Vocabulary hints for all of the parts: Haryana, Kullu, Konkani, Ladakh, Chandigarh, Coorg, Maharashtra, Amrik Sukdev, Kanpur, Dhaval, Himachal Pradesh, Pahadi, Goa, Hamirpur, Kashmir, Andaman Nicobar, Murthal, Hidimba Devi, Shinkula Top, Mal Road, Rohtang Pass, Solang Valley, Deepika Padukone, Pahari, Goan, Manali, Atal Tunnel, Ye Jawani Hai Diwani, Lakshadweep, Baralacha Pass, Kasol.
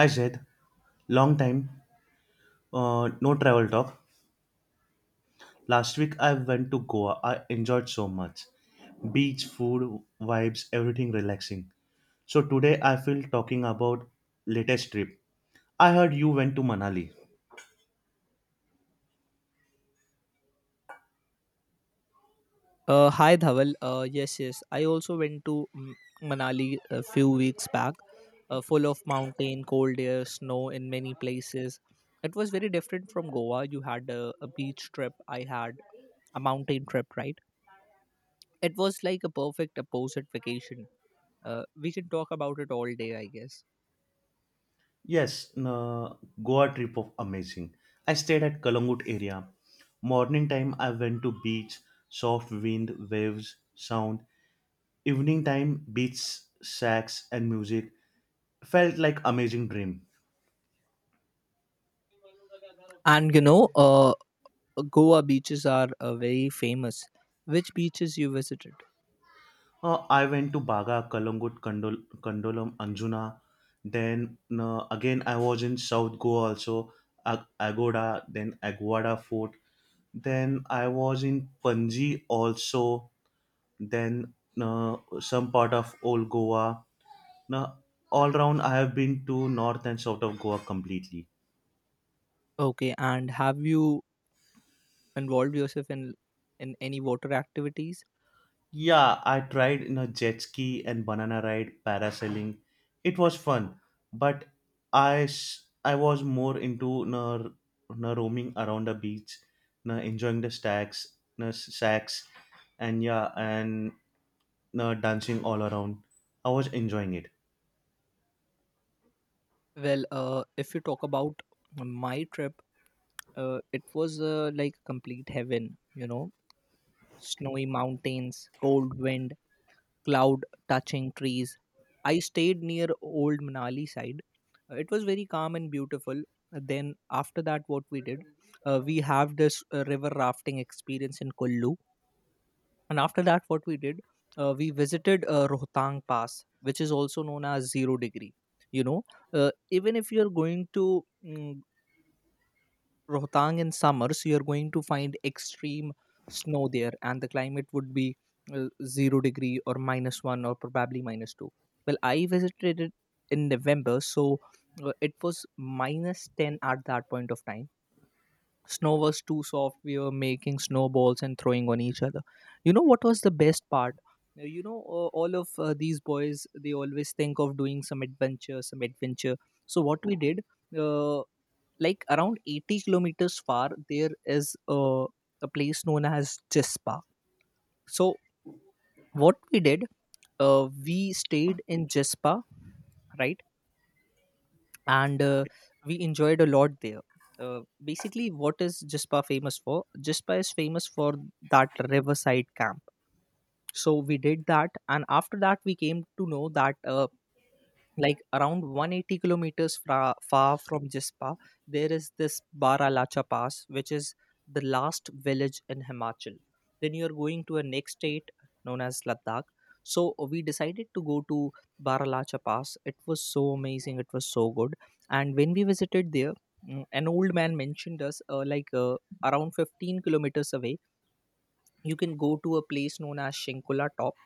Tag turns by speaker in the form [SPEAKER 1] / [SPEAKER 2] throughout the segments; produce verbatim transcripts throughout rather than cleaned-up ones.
[SPEAKER 1] Hi Zaid, long time, uh, no travel talk. Last week I went to Goa. I enjoyed so much. Beach, food, vibes, everything relaxing. So today I feel talking about latest trip. I heard you went to Manali.
[SPEAKER 2] Uh, hi Dhaval. Uh, yes, yes, I also went to mm, Manali a few weeks back, uh, full of mountain, cold air, snow in many places. It was very different from Goa. You had a, a beach trip, I had a mountain trip, right? It was like a perfect opposite vacation. Uh, we can talk about it all day, I guess.
[SPEAKER 1] Yes, uh, Goa trip of amazing. I stayed at Kalangut area. Morning time I went to beach, soft wind, waves, sound. Evening time beach, sax and music. Felt like amazing dream.
[SPEAKER 2] And you know, uh, Goa beaches are uh, very famous. Which beaches you visited?
[SPEAKER 1] Uh, I went to Baga, Kalangut, Kandol- Kandolam, Anjuna. Then uh, again, I was in South Goa also, Ag- Agoda, then Aguada Fort. Then I was in Panji also. Then uh, some part of Old Goa. Now, all round, I have been to north and south of Goa completely.
[SPEAKER 2] Okay, and have you involved yourself in in any water activities?
[SPEAKER 1] Yeah, I tried you know jet ski and banana ride parasailing. It was fun, but I s- I was more into you know, r- you know, roaming around the beach, you know, enjoying the stacks, you know, s- sacks, and yeah, and you know, dancing all around. I was enjoying it.
[SPEAKER 2] Well, uh, if you talk about my trip, uh, it was uh, like complete heaven, you know, snowy mountains, cold wind, cloud touching trees. I stayed near Old Manali side. Uh, It was very calm and beautiful. Uh, Then after that, what we did, uh, we have this uh, river rafting experience in Kullu. And after that, what we did, uh, we visited uh, Rohtang Pass, which is also known as zero degree. You know, uh, Even if you're going to mm, Rohtang in summer, so you're going to find extreme snow there, and the climate would be uh, zero degree or minus one or probably minus two. Well, I visited it in November, so uh, it was minus ten at that point of time. Snow was too soft, we were making snowballs and throwing on each other. You know what was the best part? Uh, You know, uh, all of uh, these boys, they always think of doing some adventure, some adventure. So, what we did. Uh, like around eighty kilometers far there is a, a place known as Jespa. So what we did, uh, we stayed in Jespa, right? And uh, we enjoyed a lot there. Uh, basically, what is Jespa famous for? Jespa is famous for that riverside camp. So we did that, and after that, we came to know that uh, like around one hundred eighty kilometers fra- far from Jispa, there is this Baralacha Pass, which is the last village in Himachal. Then you are going to a next state known as Ladakh. So we decided to go to Baralacha Pass. It was so amazing. It was so good. And when we visited there, mm, an old man mentioned us uh, like uh, around fifteen kilometers away, you can go to a place known as Shinkula Top,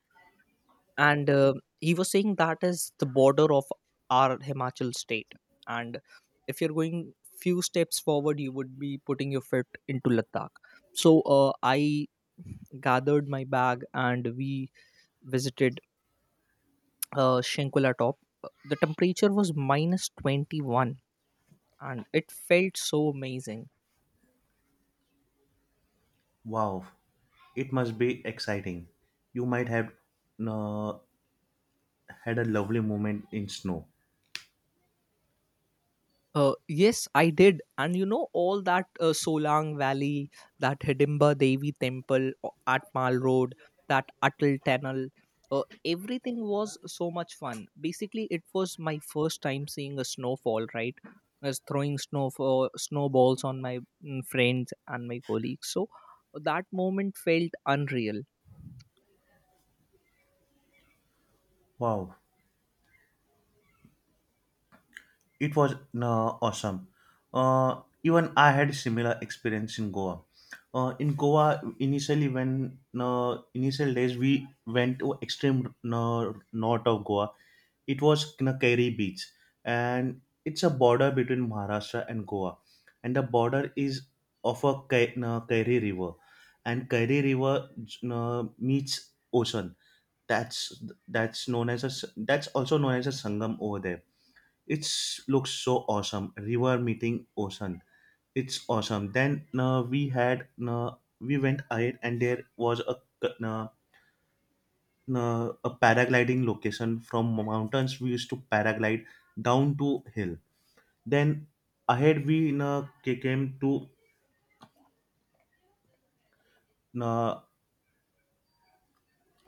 [SPEAKER 2] and uh, he was saying that is the border of our Himachal state, and if you're going few steps forward you would be putting your foot into Ladakh. So uh, I gathered my bag and we visited uh, Shenkola top. The temperature was minus twenty-one and it felt so amazing.
[SPEAKER 1] Wow, it must be exciting. You might have you know, had a lovely moment in snow.
[SPEAKER 2] Uh, yes, I did. And you know, all that uh, Solang Valley, that Hidimba Devi temple o- at Mal Road, that Atal Tunnel, uh, everything was so much fun. Basically, it was my first time seeing a snowfall, right? I was throwing snowfall, snowballs on my mm, friends and my colleagues. So that moment felt unreal.
[SPEAKER 1] Wow. It was uh, awesome. Uh, even I had similar experience in Goa. Uh, in Goa, initially when uh, initial days we went to extreme uh, north of Goa. It was Keri Beach, and it's a border between Maharashtra and Goa, and the border is of a Kai- uh, Kairi River, and Kairi River uh, meets ocean. That's that's known as a s- that's also known as a Sangam over there. It looks so awesome. River meeting ocean. It's awesome. Then uh, we had uh, we went ahead and there was a uh, uh, a paragliding location from mountains. We used to paraglide down to hill. Then ahead we uh, ca- came to uh,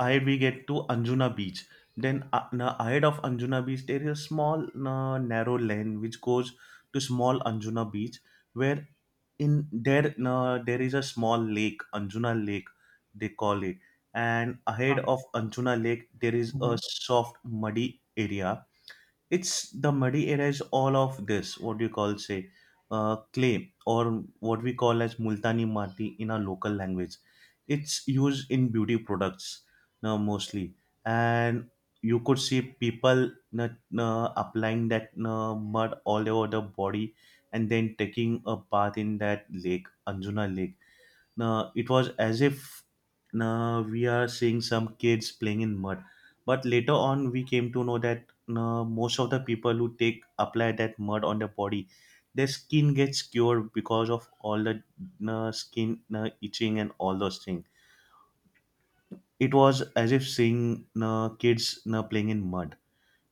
[SPEAKER 1] ahead we get to Anjuna Beach. Then uh, na- ahead of Anjuna Beach, there is a small na- narrow lane which goes to small Anjuna Beach, where in there na there is a small lake, Anjuna Lake, they call it. And ahead
[SPEAKER 2] Uh-huh.
[SPEAKER 1] of Anjuna Lake, there is a
[SPEAKER 2] Mhm.
[SPEAKER 1] soft muddy area. It's the muddy area is all of this, what do you call, say uh, clay, or what we call as multani mati in our local language. It's used in beauty products now mostly, and you could see people na na applying that na mud all over the body and then taking a bath in that lake, Anjuna Lake. Now it was as if now we are seeing some kids playing in mud. But later on, we came to know that now most of the people who take, apply that mud on their body, their skin gets cured because of all the now skin, now itching, and all those things. It was as if seeing now kids now playing in mud.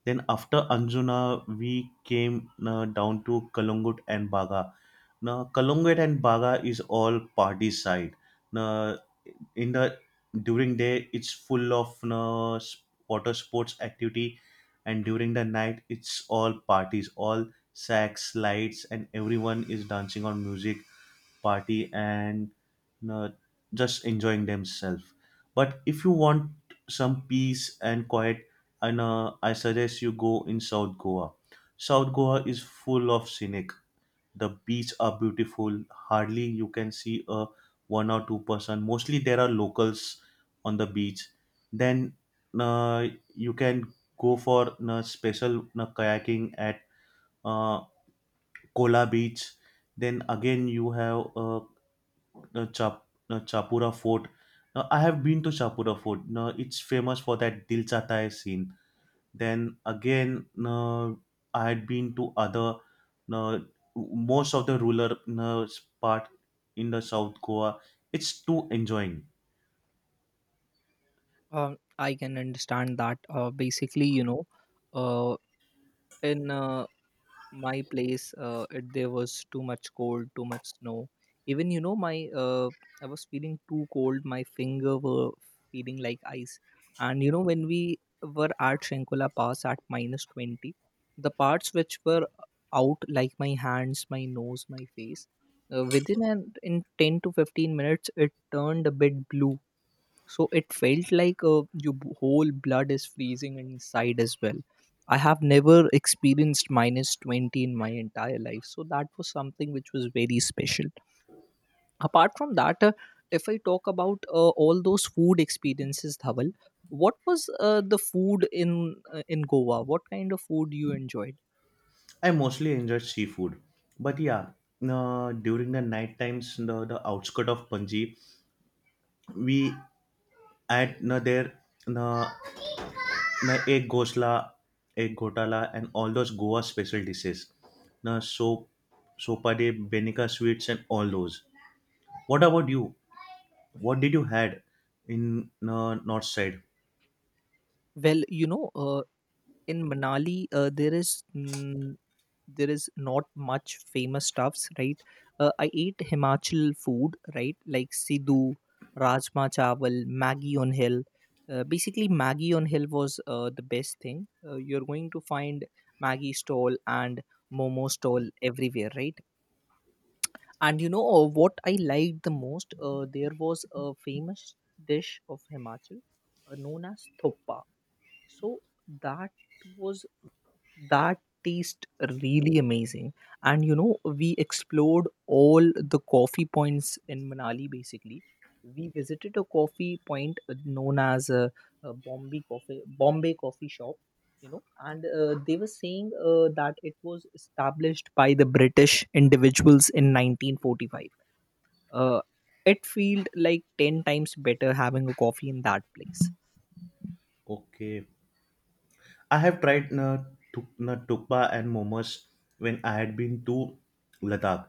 [SPEAKER 1] Then after Anjuna, we came now down to Kalungut and Baga. Now Kalungut and Baga is all party side. Now in the during day it's full of you know, s- water sports activity, and during the night it's all parties, all sex lights and everyone is dancing on music party and, you know, just enjoying themselves. But if you want some peace and quiet and uh, I suggest you go in South Goa. South Goa is full of scenic, the beach are beautiful. Hardly you can see a one or two person, mostly there are locals on the beach. Then uh, you can go for uh, special uh, kayaking at uh, Kola Beach. Then again you have uh, uh, Chap- uh, Chapura Fort. Now, I have been to Chapura Fort. Now, it's famous for that Dil Chata Hai scene. Then again, uh, I had been to other uh, most of the rural uh, part in the South Goa. It's too enjoying.
[SPEAKER 2] Uh, I can understand that. Uh, basically, you know, uh, in uh, my place uh, it, there was too much cold, too much snow. Even you know my uh, I was feeling too cold, my finger were feeling like ice. And you know when we were at shankula pass at minus twenty, the parts which were out, like my hands, my nose, my face, uh, within an in ten to fifteen minutes it turned a bit blue. So it felt like uh, your b- whole blood is freezing inside as well. I have never experienced minus twenty in my entire life, so that was something which was very special. Apart from that, uh, if I talk about uh, all those food experiences Dhaval, what was uh, the food in uh, in goa, what kind of food you enjoyed?
[SPEAKER 1] I mostly enjoyed seafood, but yeah, uh, during the night times, the, the outskirt of Panji, we at uh, there uh, uh, egg gosla, egg gotala, and all those Goa special dishes. Uh, soap, sopade, benica sweets, and all those. What about you? What did you had in uh, north side?
[SPEAKER 2] Well you know, uh, in manali uh, there is mm, there is not much famous stuffs right. uh, I ate himachal food right, like sidhu, rajma chawal, Maggi on hill. Uh, basically Maggi on hill was uh, the best thing. Uh, you're going to find Maggi stall and momo stall everywhere right. And you know uh, what I liked the most, uh, there was a famous dish of himachal uh, known as thoppa. So that was that taste really amazing. And you know we explored all the coffee points in manali. Basically we visited a coffee point uh, known as uh, uh, bombay coffee bombay coffee shop. You know and uh, they were saying uh, that it was established by the british individuals in nineteen forty-five. uh, it felt like ten times better having a coffee in that place.
[SPEAKER 1] Okay, I have tried uh, tuk, uh, tukpa and momos when I had been to Ladakh.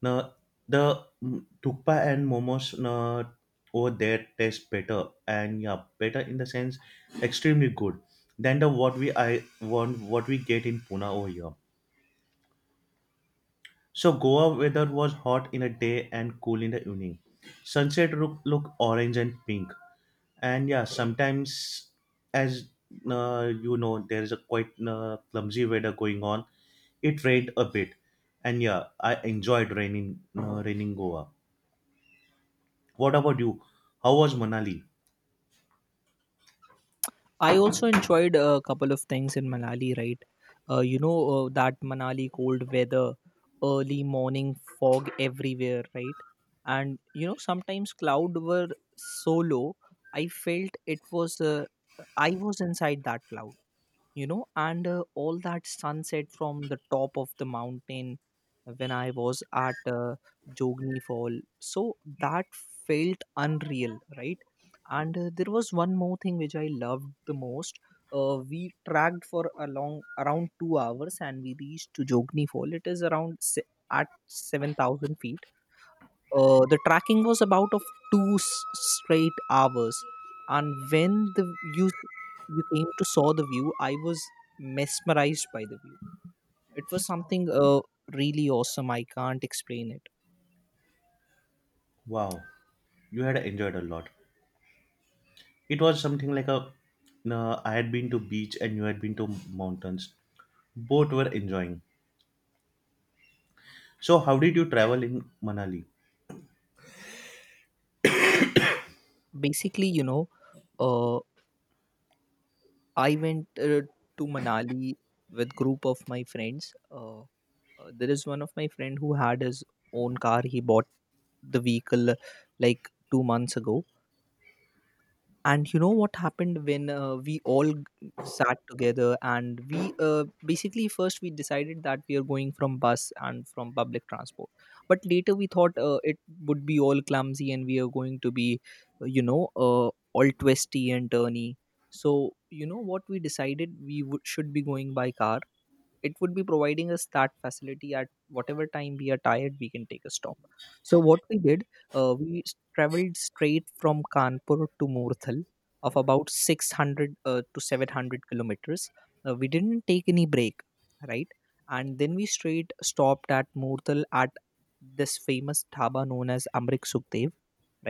[SPEAKER 1] Now the mm, tukpa and momos uh, over there taste better, and yeah, better in the sense extremely good than the what we I want what we get in Pune over here. So Goa weather was hot in the day and cool in the evening. Sunset look, look orange and pink, and yeah, sometimes as uh, you know, there is a quite uh, clumsy weather going on. It rained a bit, and yeah, I enjoyed raining uh, raining Goa. What about you? How was Manali?
[SPEAKER 2] I also enjoyed a couple of things in Manali, right? Uh, you know, uh, that Manali cold weather, early morning fog everywhere, right? And, you know, sometimes cloud were so low, I felt it was, uh, I was inside that cloud. You know and uh, all that sunset from the top of the mountain, when I was at uh, jogni fall, so that felt unreal right. And uh, there was one more thing which I loved the most. Uh, we tracked for along around two hours and we reached to jogni fall. It is around se- at seven thousand feet. Uh, the tracking was about of two s- straight hours, and when the you you came to saw the view, I was mesmerized by the view. It was something uh, really awesome. I can't explain it.
[SPEAKER 1] Wow, you had enjoyed a lot. It was something like a uh, I had been to beach and you had been to mountains. Both were enjoying. So how did you travel in Manali?
[SPEAKER 2] Basically, you know, uh, I went uh, to Manali with group of my friends. Uh, uh, there is one of my friend who had his own car. He bought the vehicle uh, like two months ago. And you know what happened when uh, we all g- sat together and we uh, basically first we decided that we are going from bus and from public transport. But later we thought uh, it would be all clumsy and we are going to be, uh, you know, uh, all twisty and turny. So, you know what we decided? We would should be going by car. It would be providing us that facility at whatever time we are tired we can take a stop. So what we did, uh, we s- traveled straight from kanpur to murthal of about six hundred uh, to seven hundred kilometers. Uh, we didn't take any break right. And then we straight stopped at murthal at this famous dhaba known as amrik sukdev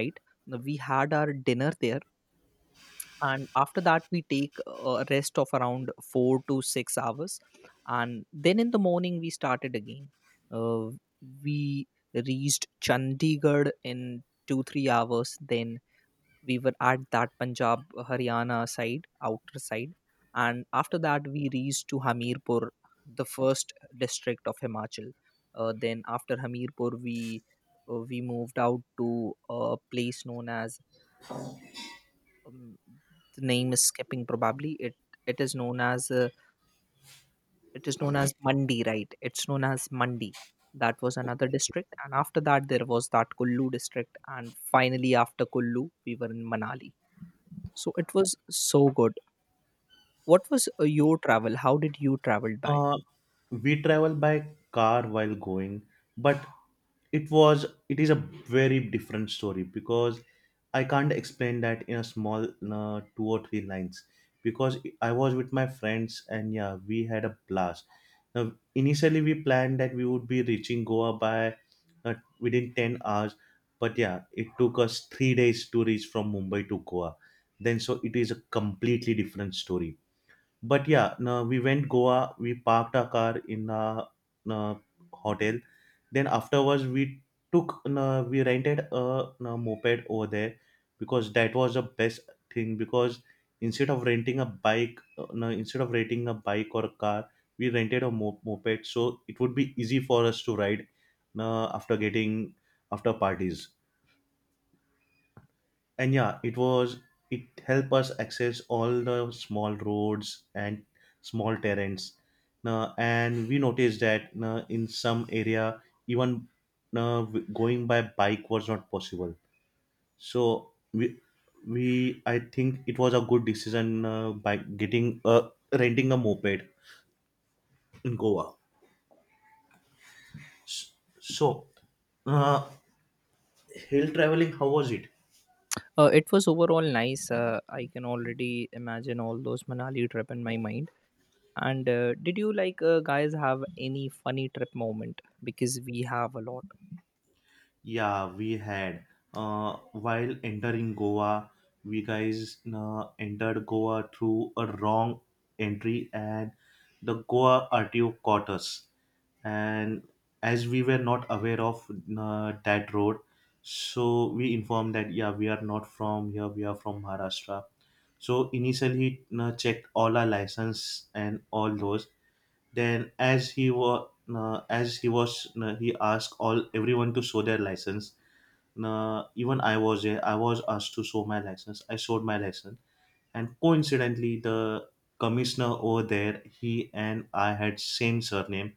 [SPEAKER 2] right. Now, we had our dinner there, and after that we take a rest of around four to six hours, and then in the morning we started again. uh, we reached chandigarh in two three hours, then we were at that punjab haryana side, outer side. And after that we reached to hamirpur, the first district of himachal. Uh, then after hamirpur we uh, we moved out to a place known as um, the name is skipping, probably it it is known as uh, it is known as mandi right, it's known as mandi. That was another district, and after that there was that kullu district, and finally after kullu we were in manali. So it was so good. What was uh, your travel, how did you travel by?
[SPEAKER 1] Uh, we travel by car while going, but it was it is a very different story, because I can't explain that in a small uh, two or three lines, because I was with my friends and yeah, we had a blast. Now, initially we planned that we would be reaching Goa by uh, within ten hours, but yeah, it took us three days to reach from Mumbai to Goa. Then so it is a completely different story, but yeah no, we went Goa, we parked our car in a uh hotel. Then afterwards we took uh, we rented a, uh moped over there, because that was the best thing. Because instead of renting a bike, uh, no, instead of renting a bike or a car, we rented a mo- moped, so it would be easy for us to ride uh, after getting, after parties. And yeah, it was, it helped us access all the small roads and small terrains. Now, and we noticed that uh, in some area, even uh, w- going by bike was not possible, so we we I think it was a good decision uh, by getting, uh, renting a moped in Goa. So uh, hill traveling, how was it?
[SPEAKER 2] Uh, it was overall nice. uh, I can already imagine all those manali trip in my mind. And uh, did you like uh, guys have any funny trip moment, because we have a lot.
[SPEAKER 1] Yeah, we had. Uh, while entering Goa, we guys uh, entered Goa through a wrong entry, and the Goa R T O caught us. And as we were not aware of uh, that road, so we informed that yeah, we are not from here. We are from Maharashtra. So initially, he uh, checked all our license and all those. Then, as he was, uh, as he was, uh, he asked all everyone to show their license. Uh, even I was there. I was asked to show my license. I showed my license, and coincidentally, the commissioner over there, he and I had same surname.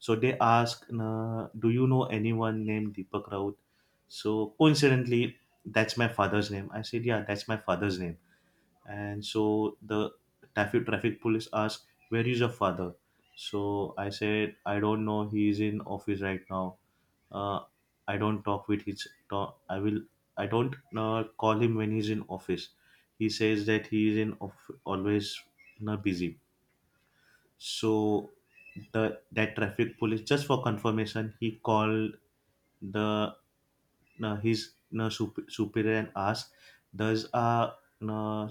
[SPEAKER 1] So they asked, uh, "Do you know anyone named Deepak Raut?" So coincidentally, that's my father's name. I said, "Yeah, that's my father's name." And so the traffic traffic police asked, where is your father? So I said, I don't know, he is in office right now. uh, I don't talk with his talk, I will I don't uh, call him when he's in office. He says that he is in off, always you busy. So the that traffic police, just for confirmation, he called the uh, his uh, sup- superior and asked, does a uh,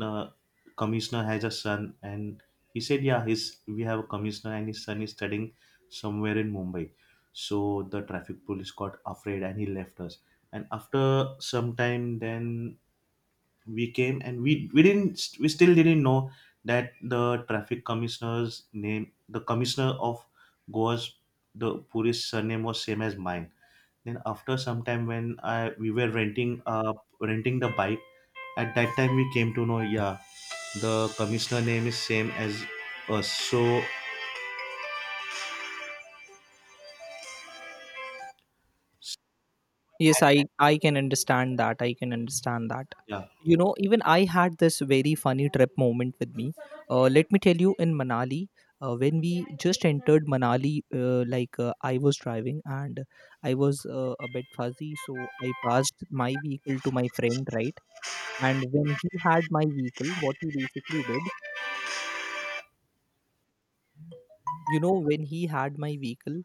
[SPEAKER 1] uh, commissioner has a son? And he said, yeah, his we have a commissioner and his son is studying somewhere in Mumbai. So the traffic police got afraid and he left us. And after some time, then we came and we we didn't we still didn't know that the traffic commissioner's name, the commissioner of Goa's, the puri's surname was same as mine. Then after some time when I we were renting uh renting the bike, at that time we came to know, yeah, the commissioner name is same as us. So
[SPEAKER 2] Yes, I I can understand that. I can understand that.
[SPEAKER 1] yeah.
[SPEAKER 2] You know, even I had this very funny trip moment with me. Uh, let me tell you, in Manali, uh, when we just entered Manali, uh, like uh, I was driving and I was uh, a bit fuzzy, so I passed my vehicle to my friend, right? And when he had my vehicle, what he basically did, you know, when he had my vehicle,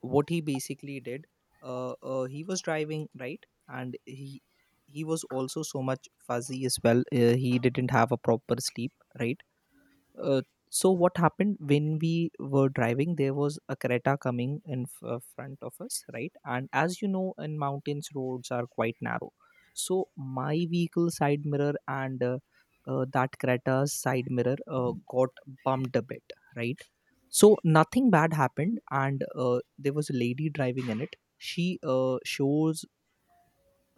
[SPEAKER 2] what he basically did, uh, uh, he was driving right, and he he was also so much fuzzy as well. Uh, he didn't have a proper sleep right. uh, so what happened when we were driving, there was a creta coming in f- uh, front of us right. And as you know in mountains roads are quite narrow, so my vehicle side mirror and uh, uh, that creta's side mirror uh, got bumped a bit right. So nothing bad happened, and uh, there was a lady driving in it. She uh, shows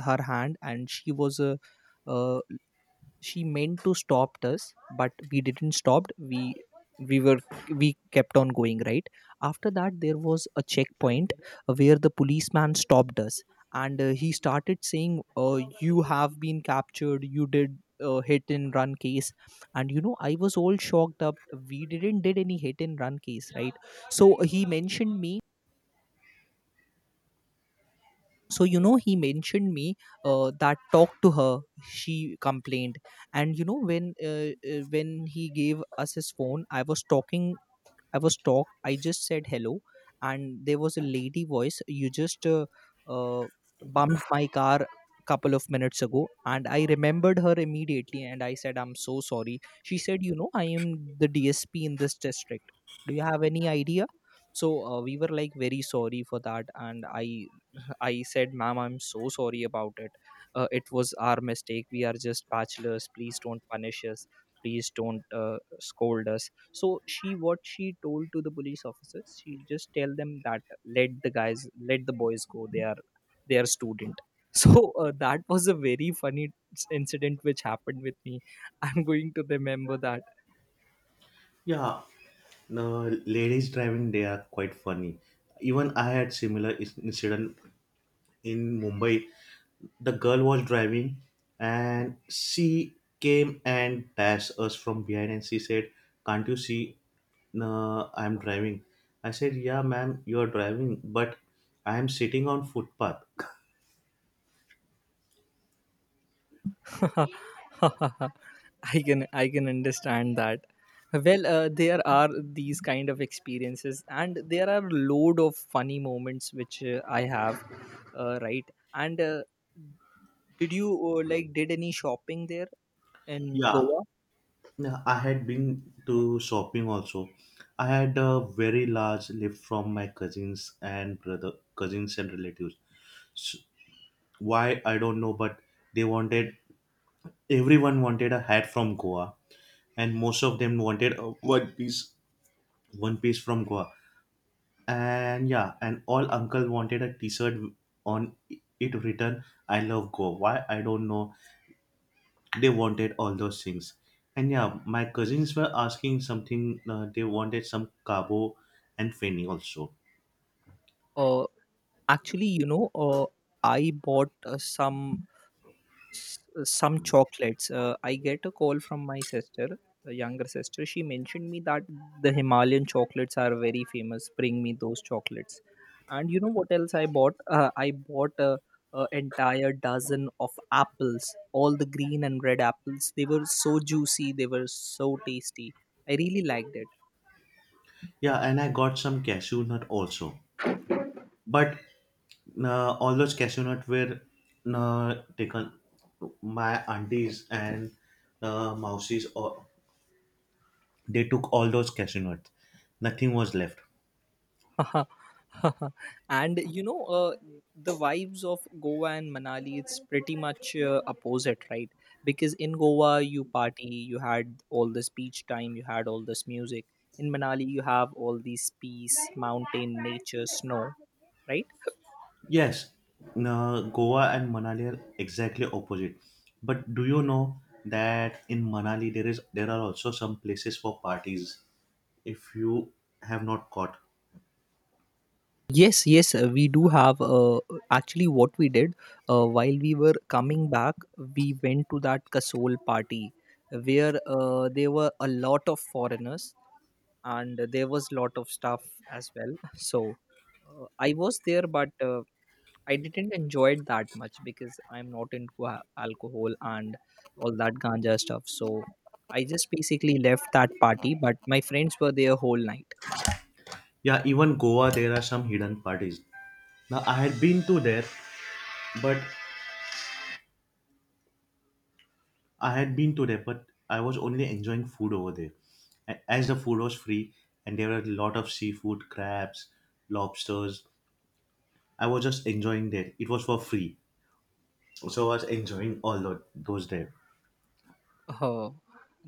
[SPEAKER 2] her hand and she was uh, uh, she meant to stop us but we didn't stop. We we were we kept on going, right? After that there was a checkpoint where the policeman stopped us, and uh, he started saying, uh, "You have been captured, you did a hit and run case." And you know, I was all shocked up. We didn't did any hit and run case, right? So he mentioned me, so you know he mentioned me uh, that talk to her, she complained. And you know, when uh, uh, when he gave us his phone, I was talking. I was talk I just said hello, and there was a lady voice. "You just uh, uh, bumped my car couple of minutes ago." And I remembered her immediately, and I said, "I'm so sorry." She said, "You know, I am the D S P in this district. Do you have any idea?" So uh, we were like very sorry for that, and i I said, "Ma'am, I'm so sorry about it. Uh, it was our mistake. We are just bachelors. Please don't punish us. Please don't uh, scold us." So she, what she told to the police officers, she just tell them that let the guys, let the boys go. They are, they are student. So uh, that was a very funny incident which happened with me. I'm going to remember
[SPEAKER 1] Yeah, the ladies driving, they are quite funny. Even I had similar is- incident in Mumbai. The girl was driving, and she came and dashed us from behind, and she said, can't you see uh, I'm driving? I said, yeah, ma'am, you're driving, but I am sitting on footpath.
[SPEAKER 2] that. I can I can understand that. Well, uh, there are these kind of experiences, and there are load of funny moments which uh, I have, uh, right? And uh, did you uh, like did any shopping there in
[SPEAKER 1] Yeah,
[SPEAKER 2] Goa?
[SPEAKER 1] yeah, I had been to shopping also. I had a very large lift from my cousins and brother, cousins and relatives. S- why I don't know, but they wanted, everyone wanted a hat from Goa, and most of them wanted a one piece, one piece from Goa. And yeah, and all uncle wanted a T-shirt on it written "I love Goa." Why I don't know. They wanted all those things. And yeah, my cousins were asking something. Uh, they wanted some cabo and feni also.
[SPEAKER 2] Uh, Actually, you know, uh, I bought uh, some s- some chocolates. Uh, I get a call from my sister, a younger sister. She mentioned me that the Himalayan chocolates are very famous. Bring me those chocolates. And you know what else I bought? Uh, I bought a, a entire dozen of apples, all the green and red apples. They were so juicy. They were so tasty. I really liked it.
[SPEAKER 1] Yeah, and I got some cashew nut also. But uh, all those cashew nuts were uh, taken. My aunties and uh, mousies, all, they took all those cashew nuts. Nothing was left.
[SPEAKER 2] And you know, uh, the vibes of Goa and Manali, it's pretty much uh, opposite, right? Because in Goa you party, you had all this beach time, you had all this music. In Manali you have all these peace, mountain, nature, snow, right?
[SPEAKER 1] Yes, uh, Goa and Manali are exactly opposite. But do you know that in Manali there is there are also some places for parties if you have not caught.
[SPEAKER 2] Yes, yes, uh, we do have, uh, actually what we did, uh, while we were coming back, we went to that Kasol party where uh, there were a lot of foreigners and there was lot of stuff as well. So uh, I was there, but uh, I didn't enjoy it that much because I'm not into a- alcohol and all that ganja stuff, so I just basically left that party, but my friends were there whole night.
[SPEAKER 1] Yeah, even Goa there are some hidden parties. Now I had been to there, but I had been to there, but I was only enjoying food over there. A- As the food was free and there were a lot of seafood, crabs, lobsters, I was just enjoying there. It was for free. So I was enjoying all tho- those there.
[SPEAKER 2] Oh,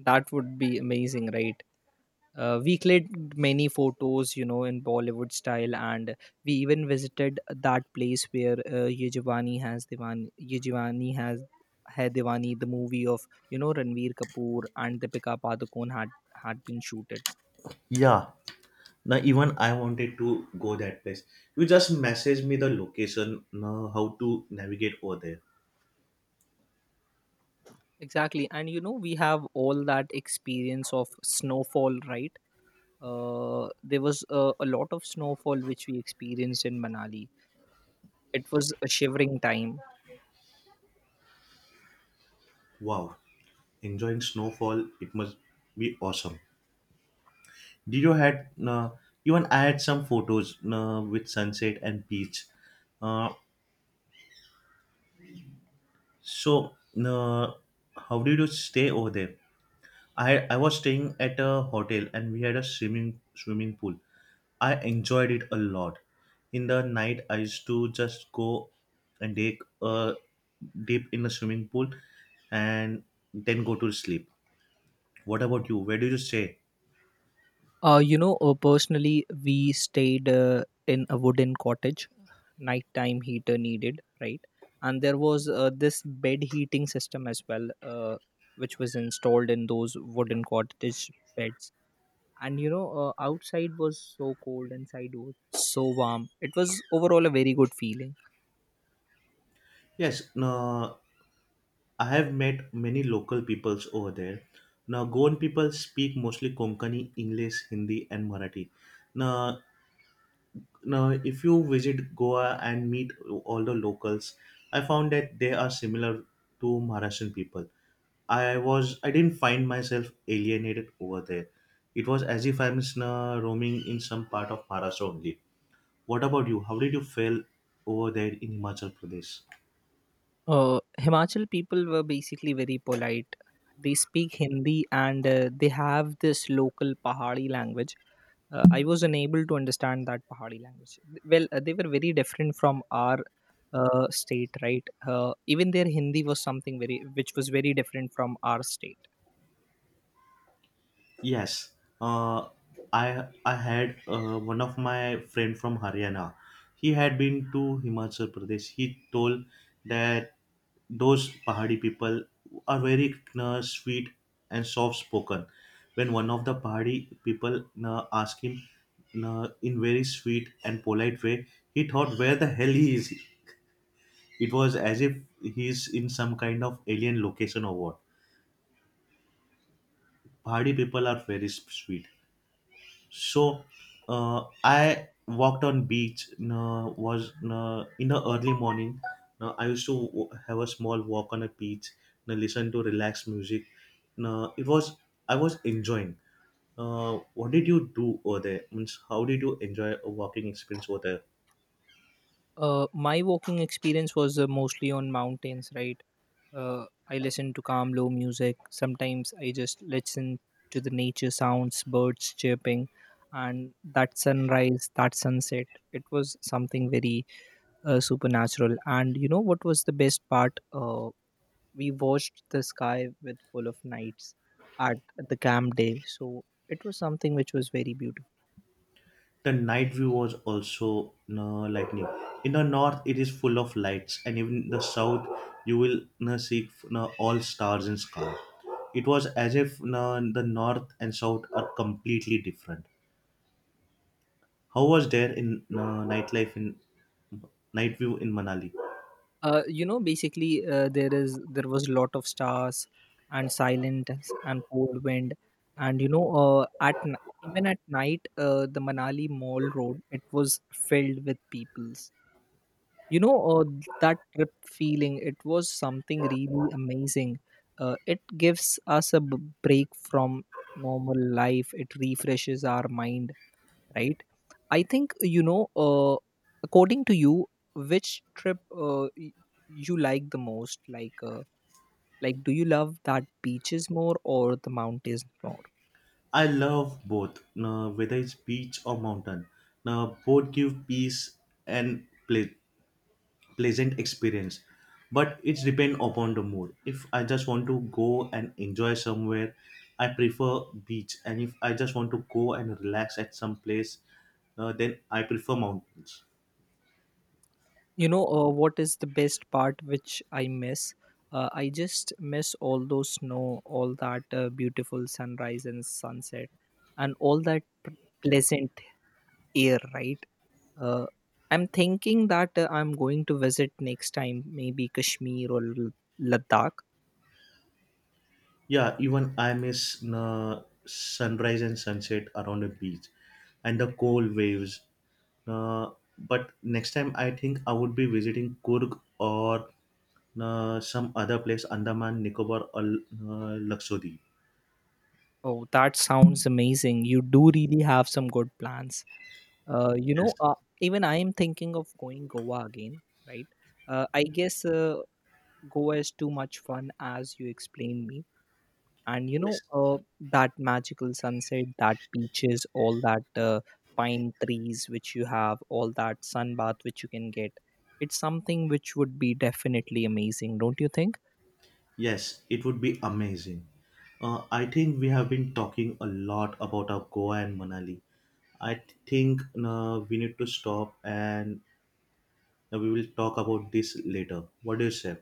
[SPEAKER 2] that would be amazing, right? Uh, we clicked many photos, you know, in Bollywood style, and we even visited that place where uh, ye Jawani has Diwani ye Jawani has hai Diwani, the movie of, you know, Ranveer Kapoor and Deepika Padukone, had had been shooted.
[SPEAKER 1] Yeah. Now even I wanted to go that place. You just message me the location, now how to navigate over there.
[SPEAKER 2] Exactly. And you know, we have all that experience of snowfall, right? Uh, there was a, a lot of snowfall which we experienced in Manali. It was a shivering time.
[SPEAKER 1] Wow. Enjoying snowfall, it must be awesome. Did you had uh, even I had some photos uh, with sunset and beach. Uh, So, uh, how did you stay over there? I, I was staying at a hotel and we had a swimming swimming pool. I enjoyed it a lot. In the night, I used to just go and take a dip in the swimming pool and then go to sleep. What about you? Where did you stay?
[SPEAKER 2] Uh, you know, uh, personally, we stayed uh, in a wooden cottage, nighttime heater needed, right? And there was uh, this bed heating system as well, uh, which was installed in those wooden cottage beds. And you know, uh, outside was so cold, inside was so warm. It was overall a very good feeling.
[SPEAKER 1] Yes, no, I have met many local peoples over there. Now, Goan people speak mostly Konkani, English, Hindi, and Marathi. Now, Now, if you visit Goa and meet all the locals, I found that they are similar to Maharashtrian people. I was I didn't find myself alienated over there. It was as if I'm just, uh, roaming in some part of Maharashtra only. What about you? How did you feel over there in Himachal Pradesh?
[SPEAKER 2] Uh, Himachal people were basically very polite. They speak Hindi, and uh, they have this local Pahari language. uh, I was unable to understand that Pahari language. Th- well, uh, they were very different from our uh, state, right? Uh, even their Hindi was something very, which was very different from our state.
[SPEAKER 1] Yes, uh, I I had uh, one of my friend from Haryana. He had been to Himachal Pradesh. He told that those Pahadi people are very uh, sweet and soft spoken. When one of the Pahadi people uh, asked him uh, in very sweet and polite way, he thought, "Where the hell he is?" It was as if he is in some kind of alien location or what. Pahadi people are very sweet. So uh, I walked on beach. Uh, was uh, In the early morning, Uh, I used to w- have a small walk on a beach. Uh, listen to relaxed music. Uh, it was I was enjoying. Uh, what did you do over there? Means how did you enjoy a walking experience over there?
[SPEAKER 2] Uh, my walking experience was uh, mostly on mountains, right? Uh, I listened to calm, low music. Sometimes I just listen to the nature sounds, birds chirping, and that sunrise, that sunset, it was something very uh, supernatural. And you know what was the best part? Uh, we watched the sky with full of nights at the camp day. So it was something which was very beautiful.
[SPEAKER 1] The night view was also no lightning. In the north it is full of lights, and even in the south you will no see no all stars in sky. It was as if no the north and south are completely different. How was there in no nightlife in night view in Manali?
[SPEAKER 2] Uh, you know, basically, uh, there is there was a lot of stars and silence and cold wind. And you know, uh, at n- even at night, uh, the Manali Mall Road, it was filled with peoples. You know, uh, that trip feeling, it was something really amazing. Uh, it gives us a b- break from normal life, it refreshes our mind, right? I think, you know, uh, according to you, which trip uh, y- you like the most? Like, uh, like do you love that beaches more or the mountains more?
[SPEAKER 1] I love both no, whether it's beach or mountain no, both give peace and play pleasant experience. But it's depend upon the mood. If I just want to go and enjoy somewhere, I prefer beach. And if I just want to go and relax at some place, uh, then I prefer mountains.
[SPEAKER 2] You know, uh, what is the best part which I miss? uh, I just miss all those snow, all that uh, beautiful sunrise and sunset, and all that p- pleasant air, right? Uh, I'm thinking that uh, I'm going to visit next time maybe Kashmir or L- Ladakh.
[SPEAKER 1] Yeah, even I miss uh, sunrise and sunset around the beach and the cold waves. uh, but next time I think I would be visiting Kurg or uh, some other place, Andaman Nicobar or uh, Lakshadweep.
[SPEAKER 2] Oh, that sounds amazing. You do really have some good plans. Uh, you
[SPEAKER 1] yes
[SPEAKER 2] know, uh, even I am thinking of going Goa again, right? Uh, I guess, uh, Goa is too much fun as you explained me. And you know,
[SPEAKER 1] yes
[SPEAKER 2] uh, that magical sunset, that beaches, all that uh, pine trees which you have, all that sunbath which you can get. It's something which would be definitely amazing, don't you think?
[SPEAKER 1] Yes, it would be amazing. Uh, I think we have been talking a lot about our Goa and Manali. I th- think uh, we need to stop and uh, we will talk about this later. What do you say?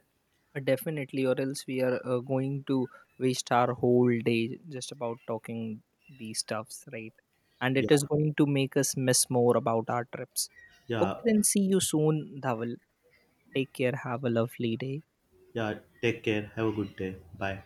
[SPEAKER 2] Uh, Definitely, or else we are uh, going to waste our whole day just about talking these stuffs, right? And
[SPEAKER 1] Yeah,
[SPEAKER 2] it is going to make us miss more about our trips. Okay,
[SPEAKER 1] yeah,
[SPEAKER 2] then see you soon, Dhaval. Take care. Have a lovely day.
[SPEAKER 1] yeah. Take care. Have a good day. Bye.